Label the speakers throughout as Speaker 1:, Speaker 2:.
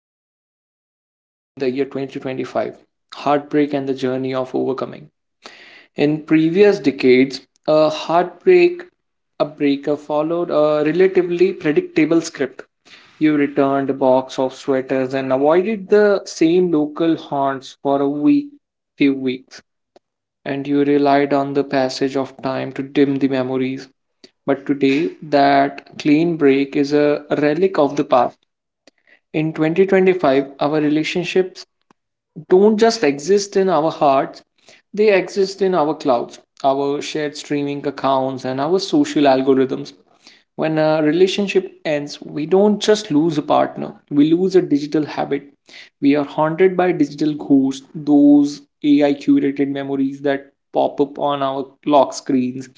Speaker 1: yet feels entirely new in the year 2025. Heartbreak and the journey of overcoming. In previous decades, a heartbreak, a breakup followed a relatively predictable script. You returned a box of sweaters and avoided the same local haunts for few weeks, and you relied on the passage of time to dim the memories. But today, that clean break is a relic of the past. In 2025, our relationships don't just exist in our hearts, they exist in our clouds, our shared streaming accounts, and our social algorithms. When a relationship ends, we don't just lose a partner, we lose a digital habit. We are haunted by digital ghosts, those AI curated memories that pop up on our lock screens,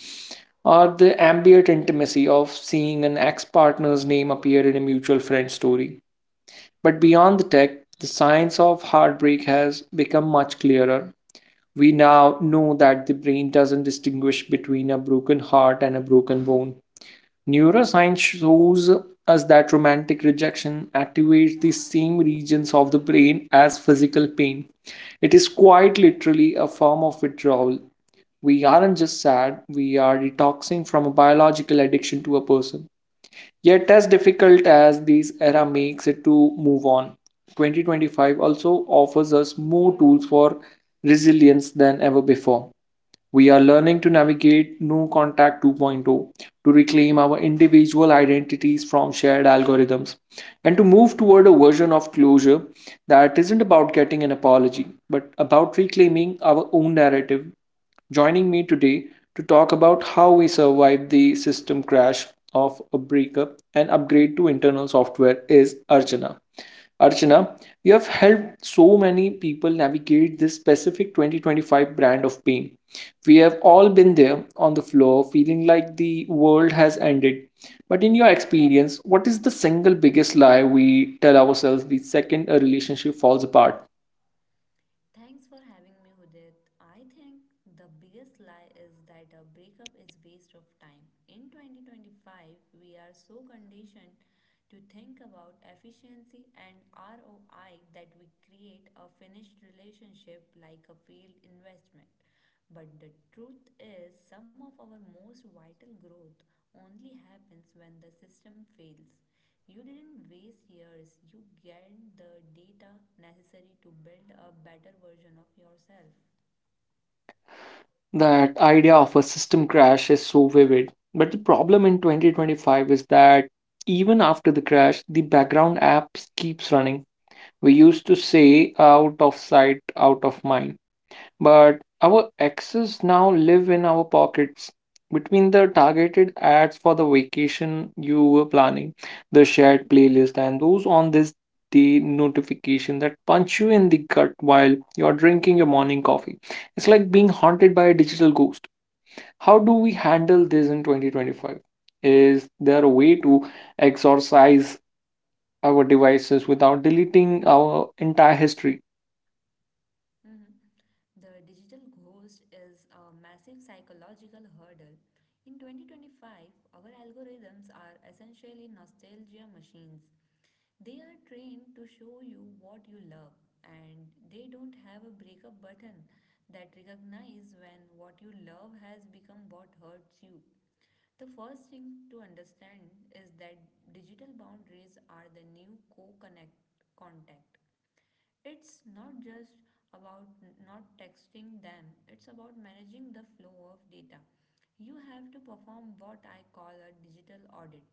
Speaker 1: or the ambient intimacy of seeing an ex partner's name appear in a mutual friend story. But beyond the tech, the science of heartbreak has become much clearer. We now know that the brain doesn't distinguish between a broken heart and a broken bone. Neuroscience shows us that romantic rejection activates the same regions of the brain as physical pain. It is quite literally a form of withdrawal. We aren't just sad, we are detoxing from a biological addiction to a person. Yet, as difficult as this era makes it to move on, 2025 also offers us more tools for resilience than ever before. We are learning to navigate No Contact 2.0, to reclaim our individual identities from shared algorithms, and to move toward a version of closure that isn't about getting an apology but about reclaiming our own narrative. Joining me today to talk about how we survived the system crash of a breakup and upgrade to internal software is Archana. Archana, you have helped so many people navigate this specific 2025 brand of pain. We have all been there on the floor feeling like the world has ended. But in your experience, what is the single biggest lie we tell ourselves the second a relationship falls apart?
Speaker 2: Thanks for having me, Udit. I think the biggest lie is that a breakup is waste of time. In 2025, we are so conditioned to think about efficiency and ROI that we create a finished relationship like a failed investment. But the truth is, some of our most vital growth only happens when the system fails. You didn't waste years, you gained the data necessary to build a better version of yourself.
Speaker 1: That idea of a system crash is so vivid. But the problem in 2025 is that even after the crash, the background apps keeps running. We used to say out of sight, out of mind, but our access now live in our pockets, between the targeted ads for the vacation you were planning, the shared playlist, and those on this day notification that punch you in the gut while you're drinking your morning coffee. It's like being haunted by a digital ghost. How do we handle this in 2025? Is there a way to exorcise our devices without deleting our entire history?
Speaker 2: Mhm. The digital ghost is a massive psychological hurdle. In 2025, our algorithms are essentially nostalgia machines. They are trained to show you what you love, and they don't have a breakup button that recognizes when what you love has become what hurts you. The first thing to understand is that digital boundaries are the new co-connect contact. It's not just about not texting them, it's about managing the flow of data. You have to perform what I call a digital audit.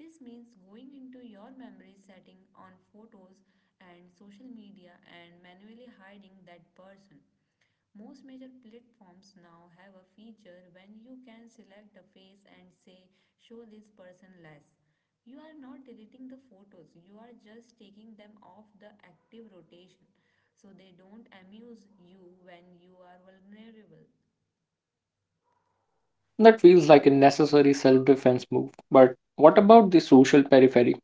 Speaker 2: This means going into your memory setting on photos and social media and manually hiding that person. Most major platforms now have a feature when you can select a face and say, "Show this person less." You are not deleting the photos, you are just taking them off the active rotation so they don't amuse you when you are vulnerable.
Speaker 1: That feels like a necessary self defense move. But what about the social periphery?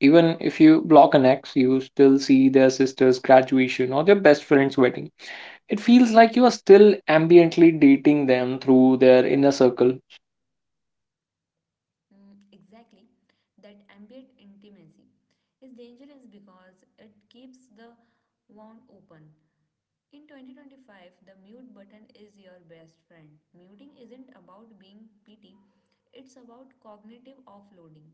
Speaker 1: Even if you block an ex, you still see their sister's graduation or their best friend's wedding. It feels like you are still ambiently dating them through their inner circle.
Speaker 2: Exactly, that ambient intimacy is dangerous because it keeps the wound open. In 2025, the mute button is your best friend. Muting isn't about being petty, it's about cognitive offloading.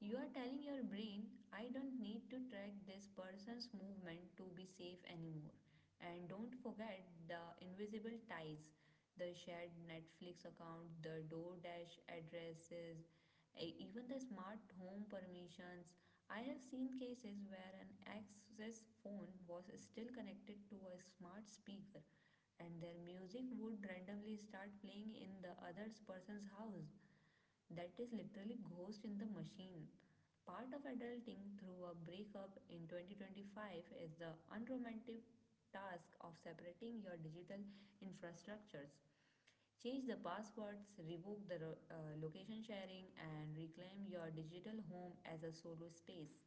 Speaker 2: You are telling your brain, I don't need to track this person's movement to be safe anymore. And don't forget the invisible ties, the shared Netflix account, the DoorDash addresses, even the smart home permissions. I have seen cases where an access phone was still connected to a smart speaker and their music would randomly start playing in the other person's house. That is literally ghost in the machine. Part of adulting through a breakup in 2025 is the unromantic task of separating your digital infrastructures. Change the passwords, revoke the location sharing, and reclaim your digital home as a solo space.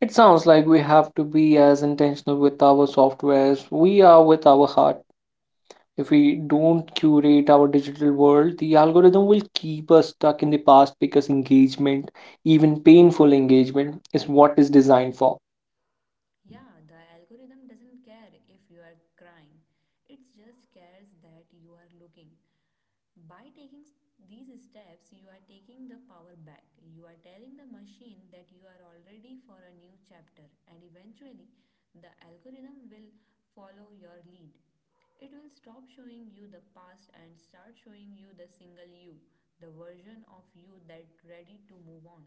Speaker 1: It sounds like we have to be as intentional with our software as we are with our heart. If we don't curate our digital world, the algorithm will keep us stuck in the past because engagement, even painful engagement, is what is designed for.
Speaker 2: Yeah, the algorithm doesn't care if you are crying, it just cares that you are looking. By taking these steps, you are taking the power back. You are telling the machine that you are all ready for a new chapter, and eventually, the algorithm will follow your lead. It will stop showing you the past and start showing you the single you, the version of you that's ready to move on.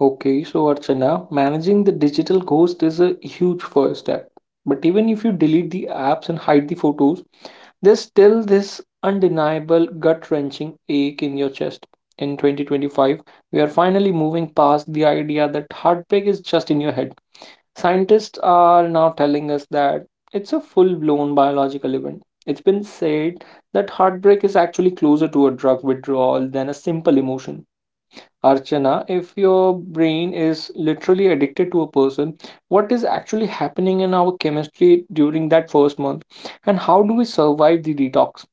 Speaker 1: Okay, so Archana, managing the digital ghost is a huge first step. But even if you delete the apps and hide the photos, there's still this undeniable gut wrenching ache in your chest. In 2025, we are finally moving past the idea that heartbreak is just in your head. Scientists are now telling us that it's a full blown biological event. It's been said that heartbreak is actually closer to a drug withdrawal than a simple emotion. Archana, if your brain is literally addicted to a person, what is actually happening in our chemistry during that first month? And how do we survive the detox?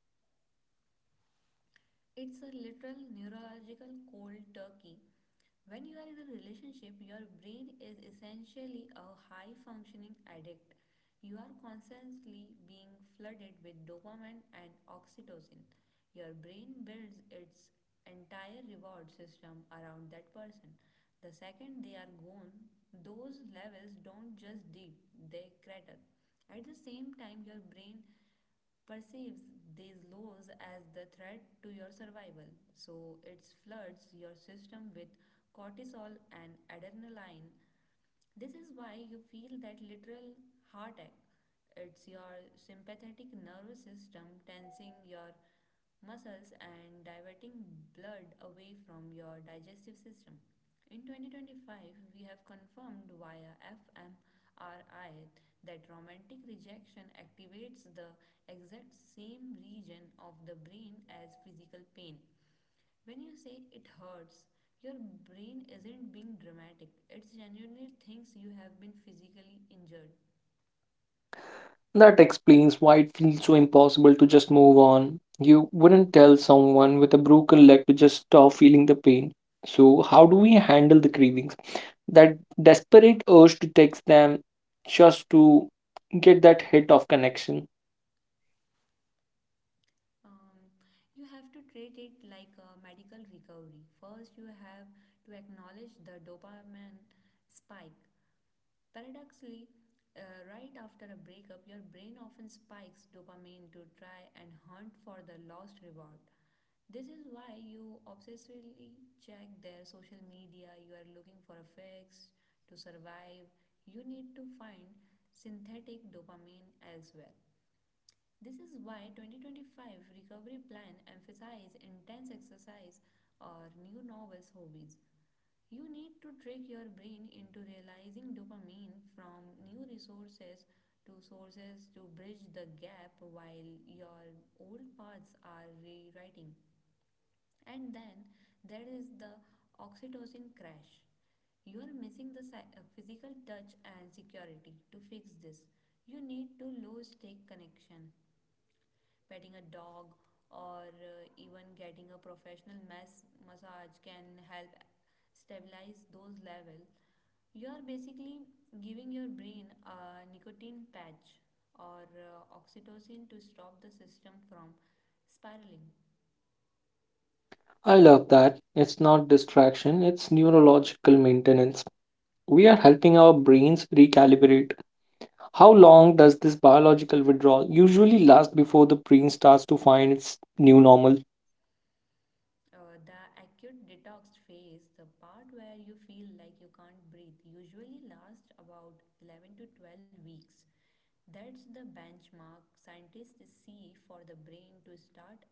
Speaker 2: It's a literal neurological cold turkey. When you are in a relationship, your brain is essentially a high functioning addict. You are constantly being flooded with dopamine and oxytocin. Your brain builds its entire reward system around that person. The second they are gone, those levels don't just dip, they crater. At the same time, your brain perceives these laws as the threat to your survival. So it floods your system with cortisol and adrenaline. This is why you feel that literal heartache. It's your sympathetic nervous system tensing your muscles and diverting blood away from your digestive system. In 2025, we have confirmed via fMRI that romantic rejection activates the exact same region of the brain as physical pain. When you say it hurts, your brain isn't being dramatic, it genuinely thinks you have been physically injured.
Speaker 1: That explains why it feels so impossible to just move on. You wouldn't tell someone with a broken leg to just stop feeling the pain. So, how do we handle the cravings? That desperate urge to text them just to get that hit of connection.
Speaker 2: Um, you have to treat it like a medical recovery. First, you have to acknowledge the dopamine spike. Paradoxically, right after a breakup, your brain often spikes dopamine to try and hunt for the lost reward. This is why you obsessively check their social media, you are looking for a fix to survive. You need to find synthetic dopamine elsewhere. This is why 2025 recovery plan emphasizes intense exercise or new novels hobbies. You need to trick your brain into realizing dopamine from new resources to sources to bridge the gap while your old paths are rewriting. And then there is the oxytocin crash. You are missing the physical touch and security. To fix this, you need to low stake connection, petting a dog or even getting a professional massage can help stabilize those levels. You are basically giving your brain a nicotine patch or oxytocin to stop the system from spiraling.
Speaker 1: I love that. It's not distraction, it's neurological maintenance. We are helping our brains recalibrate. How long does this biological withdrawal usually last before the brain starts to find its new normal?
Speaker 2: The acute detox phase, the part where you feel like you can't breathe, usually lasts about 11 to 12 weeks. That's the benchmark scientists see for the brain to start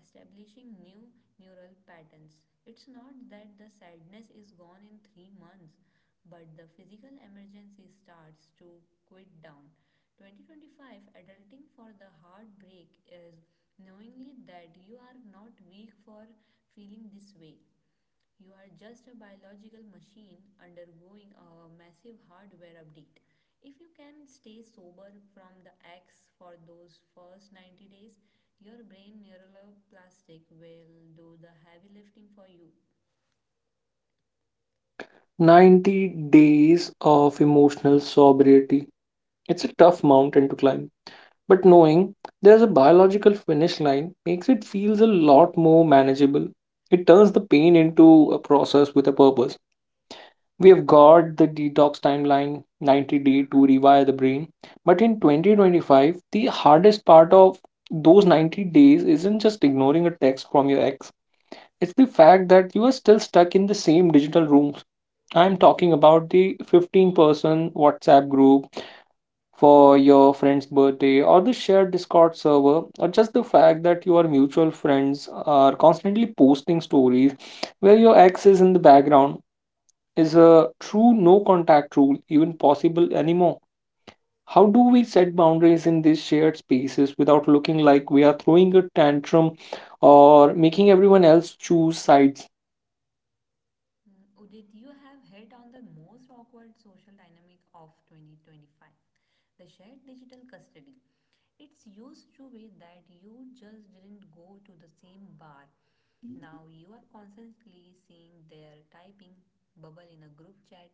Speaker 2: establishing new neural patterns. It's not that the sadness is gone in 3 months, but the physical emergency starts to quit down. 2025 Adulting for the heartbreak is knowingly that you are not weak for feeling this way. You are just a biological machine undergoing a massive hardware update. If you can stay sober from the X for those first 90 days, your brain neuroplastic will do the heavy lifting for you.
Speaker 1: 90 days of emotional sobriety. It's a tough mountain to climb, but knowing there's a biological finish line makes it feels a lot more manageable. It turns the pain into a process with a purpose. We have got the detox timeline, 90 day to rewire the brain. But in 2025, the hardest part of those 90 days isn't just ignoring a text from your ex, it's the fact that you are still stuck in the same digital rooms. I'm talking about the 15-person WhatsApp group for your friend's birthday, or the shared Discord server, or just the fact that your mutual friends are constantly posting stories where your ex is in the background. Is a true no contact rule even possible anymore? How do we set boundaries in these shared spaces without looking like we are throwing a tantrum or making everyone else choose sides?
Speaker 2: Mm, Udit, you have hit on the most awkward social dynamic of 2025, the shared digital custody. It's used to be that you just didn't go to the same bar. Now you are constantly seeing their typing bubble in a group chat,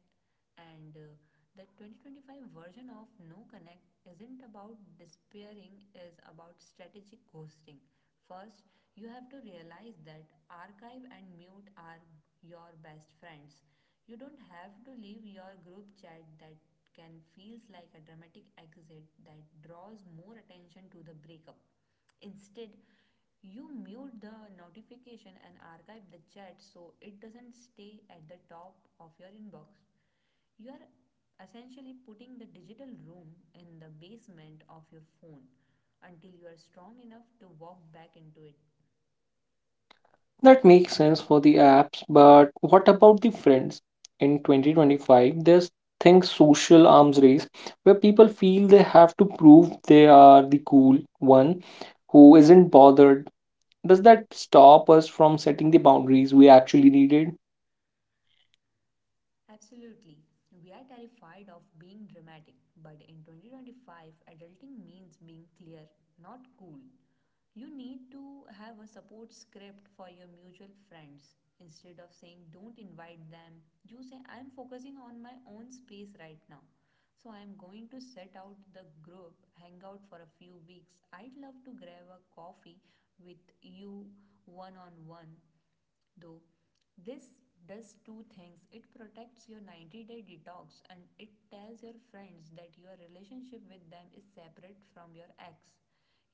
Speaker 2: and the 2025 version of No Connect isn't about despairing, is about strategic ghosting. First, you have to realize that archive and mute are your best friends. You don't have to leave your group chat, that can feels like a dramatic exit that draws more attention to the breakup. Instead, you mute the notification and archive the chat so it doesn't stay at the top of your inbox. You are essentially putting the digital room in the basement of your phone until you are strong enough to walk back into it.
Speaker 1: That makes sense for the apps, but what about the friends? In 2025, there's things social arms race where people feel they have to prove they are the cool one who isn't bothered. Does that stop us from setting the boundaries we actually needed?
Speaker 2: Absolutely. We are terrified of being dramatic, but in 2025, adulting means being clear, not cool. You need to have a support script for your mutual friends. Instead of saying don't invite them, you say I'm focusing on my own space right now. So I'm going to set out the group, hangout for a few weeks. I'd love to grab a coffee with you one on one. Though this does two things, it protects your 90-day detox and it tells your friends that your relationship with them is separate from your ex.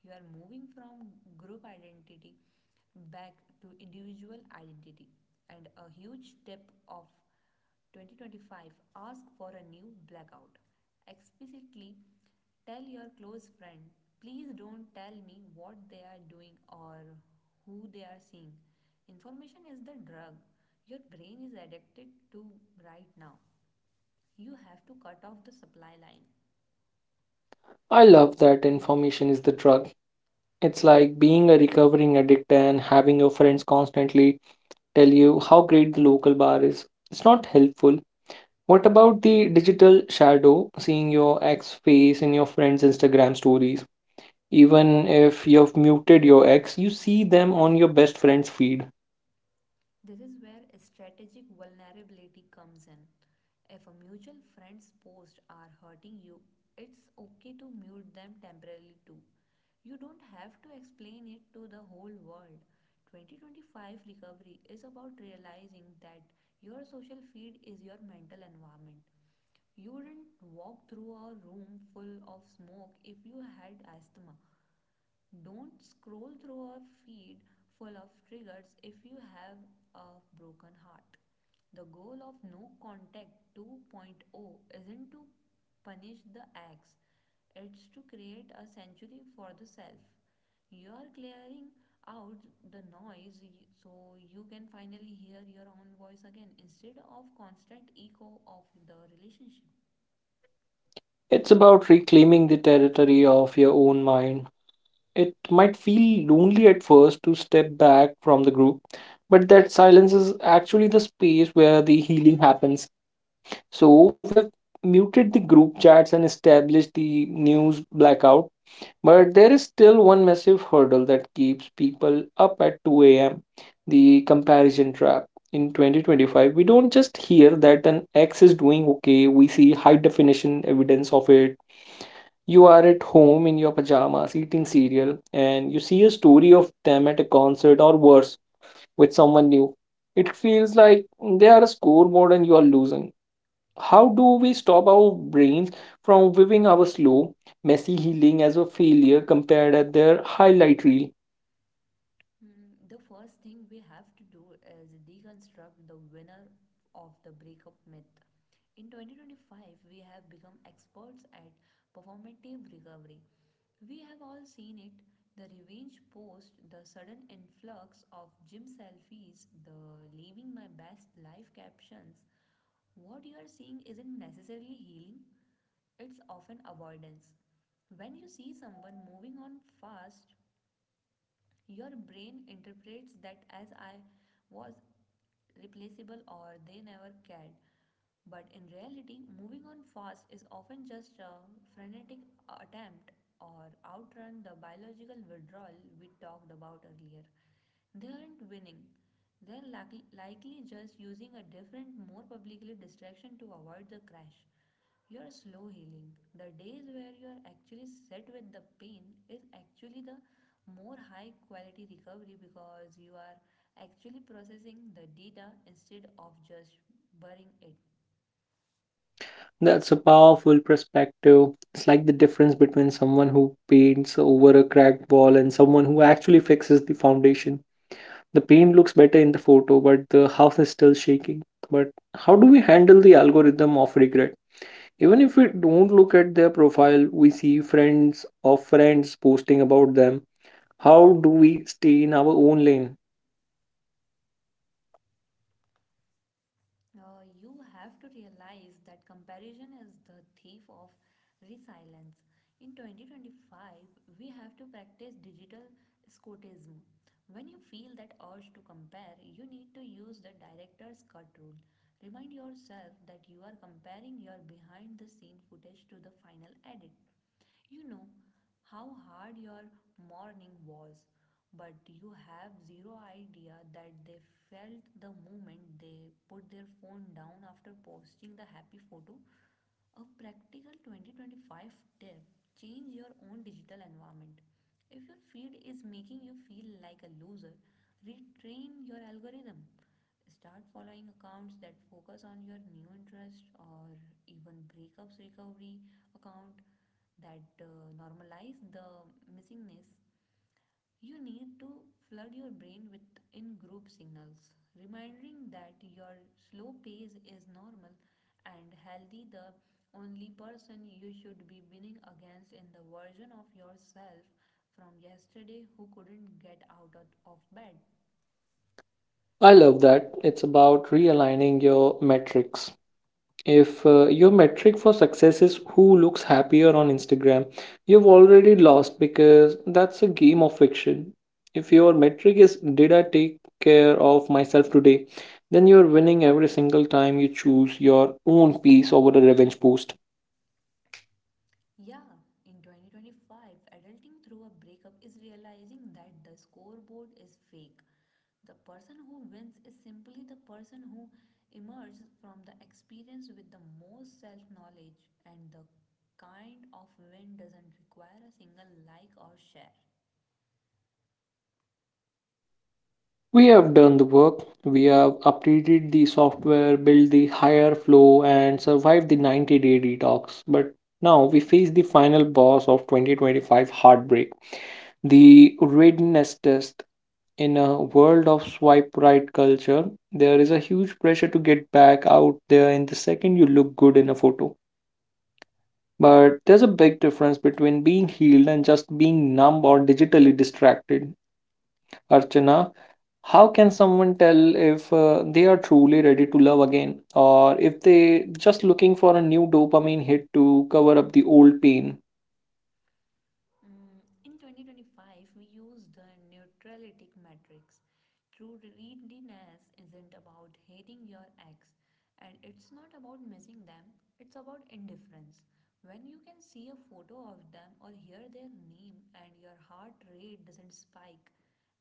Speaker 2: You are moving from group identity back to individual identity. And a huge tip of 2025, ask for a new blackout. Explicitly tell your close friend, please don't tell me what they are doing or who they are seeing. Information is the drug your brain is addicted to right now. You have to cut off the supply line.
Speaker 1: I love that information is the drug. It's like being a recovering addict and having your friends constantly tell you how great the local bar is. It's not helpful. What about the digital shadow, seeing your ex face in your friends' Instagram stories? Even if you've muted your ex, you see them on your best friend's feed.
Speaker 2: This is where a strategic vulnerability comes in. If a mutual friend's posts are hurting you, it's okay to mute them temporarily too. You don't have to explain it to the whole world. 2025 recovery is about realizing that your social feed is your mental environment. You wouldn't walk through a room full of smoke if you had asthma. Don't scroll through a feed full of triggers if you have a broken heart. The goal of No Contact 2.0 isn't to punish the ex, it's to create a sanctuary for the self. You are clearing out the noise so you can finally hear your own voice again instead of constant echo of the relationship.
Speaker 1: It's about reclaiming the territory of your own mind. It might feel lonely at first to step back from the group, but that silence is actually the space where the healing happens. So we have muted the group chats and established the news blackout, but there is still one massive hurdle that keeps people up at 2 a.m., the comparison trap. In 2025, we don't just hear that an X is doing okay, we see high definition evidence of it. You are at home in your pajamas eating cereal and you see a story of them at a concert, or worse, with someone new. It feels like they are a scoreboard and you are losing. How do we stop our brains from viewing our slow, messy healing as a failure compared at their highlight reel?
Speaker 2: Hmm. The first thing we have to do is deconstruct the winner of the breakup myth. In 2025, we have become experts at performative recovery. We have all seen it, the revenge post, the sudden influx of gym selfies, the living my best life captions. What you are seeing isn't necessarily healing, it's often avoidance. When you see someone moving on fast, your brain interprets that as I was replaceable or they never cared. But in reality, moving on fast is often just a frenetic attempt or outrun the biological withdrawal we talked about earlier. They aren't winning. They're likely just using a different, more publicly distraction to avoid the crash. Your slow healing, the days where you are actually set with the pain, is actually the more high quality recovery because you are actually processing the data instead of just burying it.
Speaker 1: That's a powerful perspective. It's like the difference between someone who paints over a cracked wall and someone who actually fixes the foundation. The paint looks better in the photo, but the house is still shaking. But how do we handle the algorithm of regret? Even if we don't look at their profile, we see friends of friends posting about them. How do we stay in our own lane?
Speaker 2: You have to realize that comparison is the thief of resilience. In 2025, we have to practice digital scotism. When you feel that urge to compare, you need to use the director's cut rule. Remind yourself that you are comparing your behind the scene footage to the final edit. You know how hard your morning was, but you have zero idea that they felt the moment they put their phone down after posting the happy photo. A practical 2025 tip, change your own digital environment. If your feed is making you feel like a loser, retrain your algorithm. Start following accounts that focus on your new interest or even breakups recovery account that normalize the missingness. You need to flood your brain with in group signals, reminding that your slow pace is normal and healthy. The only person you should be winning against in the version of yourself from yesterday who couldn't get out of bed.
Speaker 1: I love that. It's about realigning your metrics. If your metric for success is who looks happier on Instagram, you've already lost because that's a game of fiction. If your metric is did I take care of myself today, then you're winning every single time you choose your own peace over a revenge post.
Speaker 2: Yeah, in 2025, adulting through a breakup is realizing that the scoreboard is fake. The person who wins is simply the person who emerges from the experience with the most self knowledge, and the kind of win doesn't require a single like or share.
Speaker 1: We have done the work. We have updated the software, built the higher flow, and survived the 90-day detox. But now we face the final boss of 2025 heartbreak, the readiness test. In a world of swipe right culture, there is a huge pressure to get back out there in the second you look good in a photo. But there's a big difference between being healed and just being numb or digitally distracted. Archana, how can someone tell if they are truly ready to love again or if they just looking for a new dopamine hit to cover up the old pain?
Speaker 2: Mm, in 2025, we use the neutralitic matrix. True readiness isn't about hating your ex, and it's not about missing them, it's about indifference. When you can see a photo of them or hear their name, and your heart rate doesn't spike,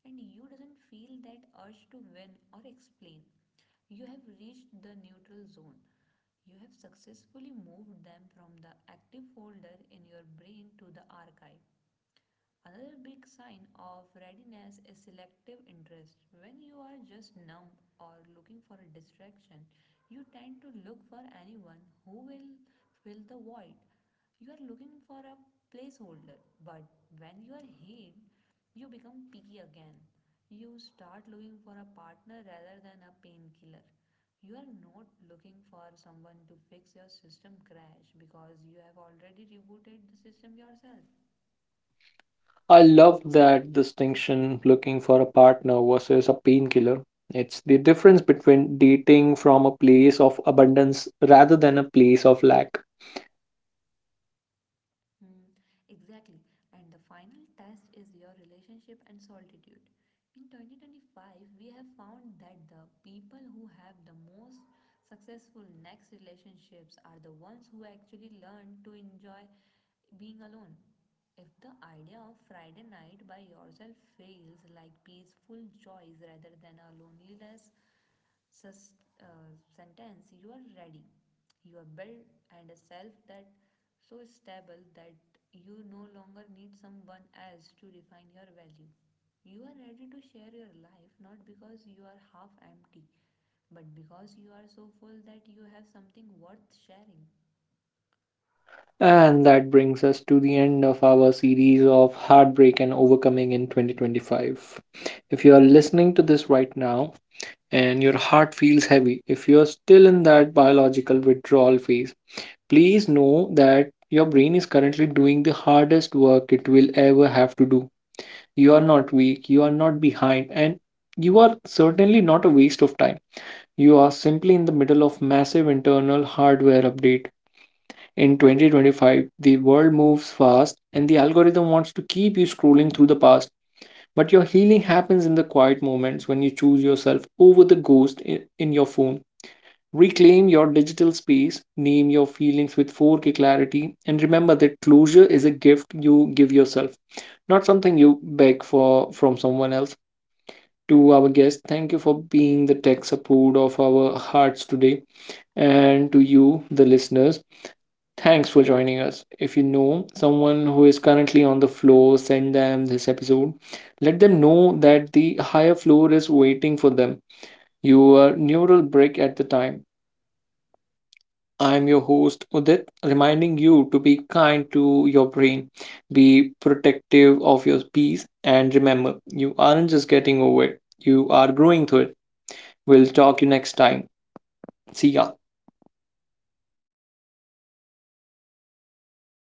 Speaker 2: and you doesn't feel that urge to win or explain. You have reached the neutral zone. You have successfully moved them from the active folder in your brain to the archive. Another big sign of readiness is selective interest. When you are just numb or looking for a distraction, you tend to look for anyone who will fill the void. You are looking for a placeholder, but when you are hid, you become picky again. You start looking for a partner rather than a painkiller. You are not looking for someone to fix your system crash because you have already rebooted the system yourself.
Speaker 1: I love that distinction, looking for a partner versus a painkiller. It's the difference between dating from a place of abundance rather than a place of lack.
Speaker 2: Hmm, exactly. And the final test is your relationship and solitude. In 2025, we have found that the people who have the most successful next relationships are the ones who actually learn to enjoy being alone. If the idea of Friday night by yourself feels like peaceful joys rather than a loneliness sus- uh, sentence, you are ready. You are built and a self that so stable that you no longer need someone else to define your value. You are ready to share your life not because you are half empty but because you are so full that you have something worth sharing.
Speaker 1: And that brings us to the end of our series of heartbreak and overcoming in 2025. If you are listening to this right now, and your heart feels heavy, if you are still in that biological withdrawal phase, please know that your brain is currently doing the hardest work it will ever have to do. You are not weak, you are not behind, and you are certainly not a waste of time. You are simply in the middle of massive internal hardware update. In 2025, the world moves fast and the algorithm wants to keep you scrolling through the past. But your healing happens in the quiet moments when you choose yourself over the ghost in your phone. Reclaim your digital space, name your feelings with 4K clarity, and remember that closure is a gift you give yourself, not something you beg for from someone else. To our guests, thank you for being the tech support of our hearts today. And to you, the listeners, thanks for joining us. If you know someone who is currently on the floor, send them this episode. Let them know that the higher floor is waiting for them. You were a neural brick at the time. I'm your host Udit, reminding you to be kind to your brain, be protective of your peace, and remember, you aren't just getting over it, you are growing through it. We'll talk you next time. See ya.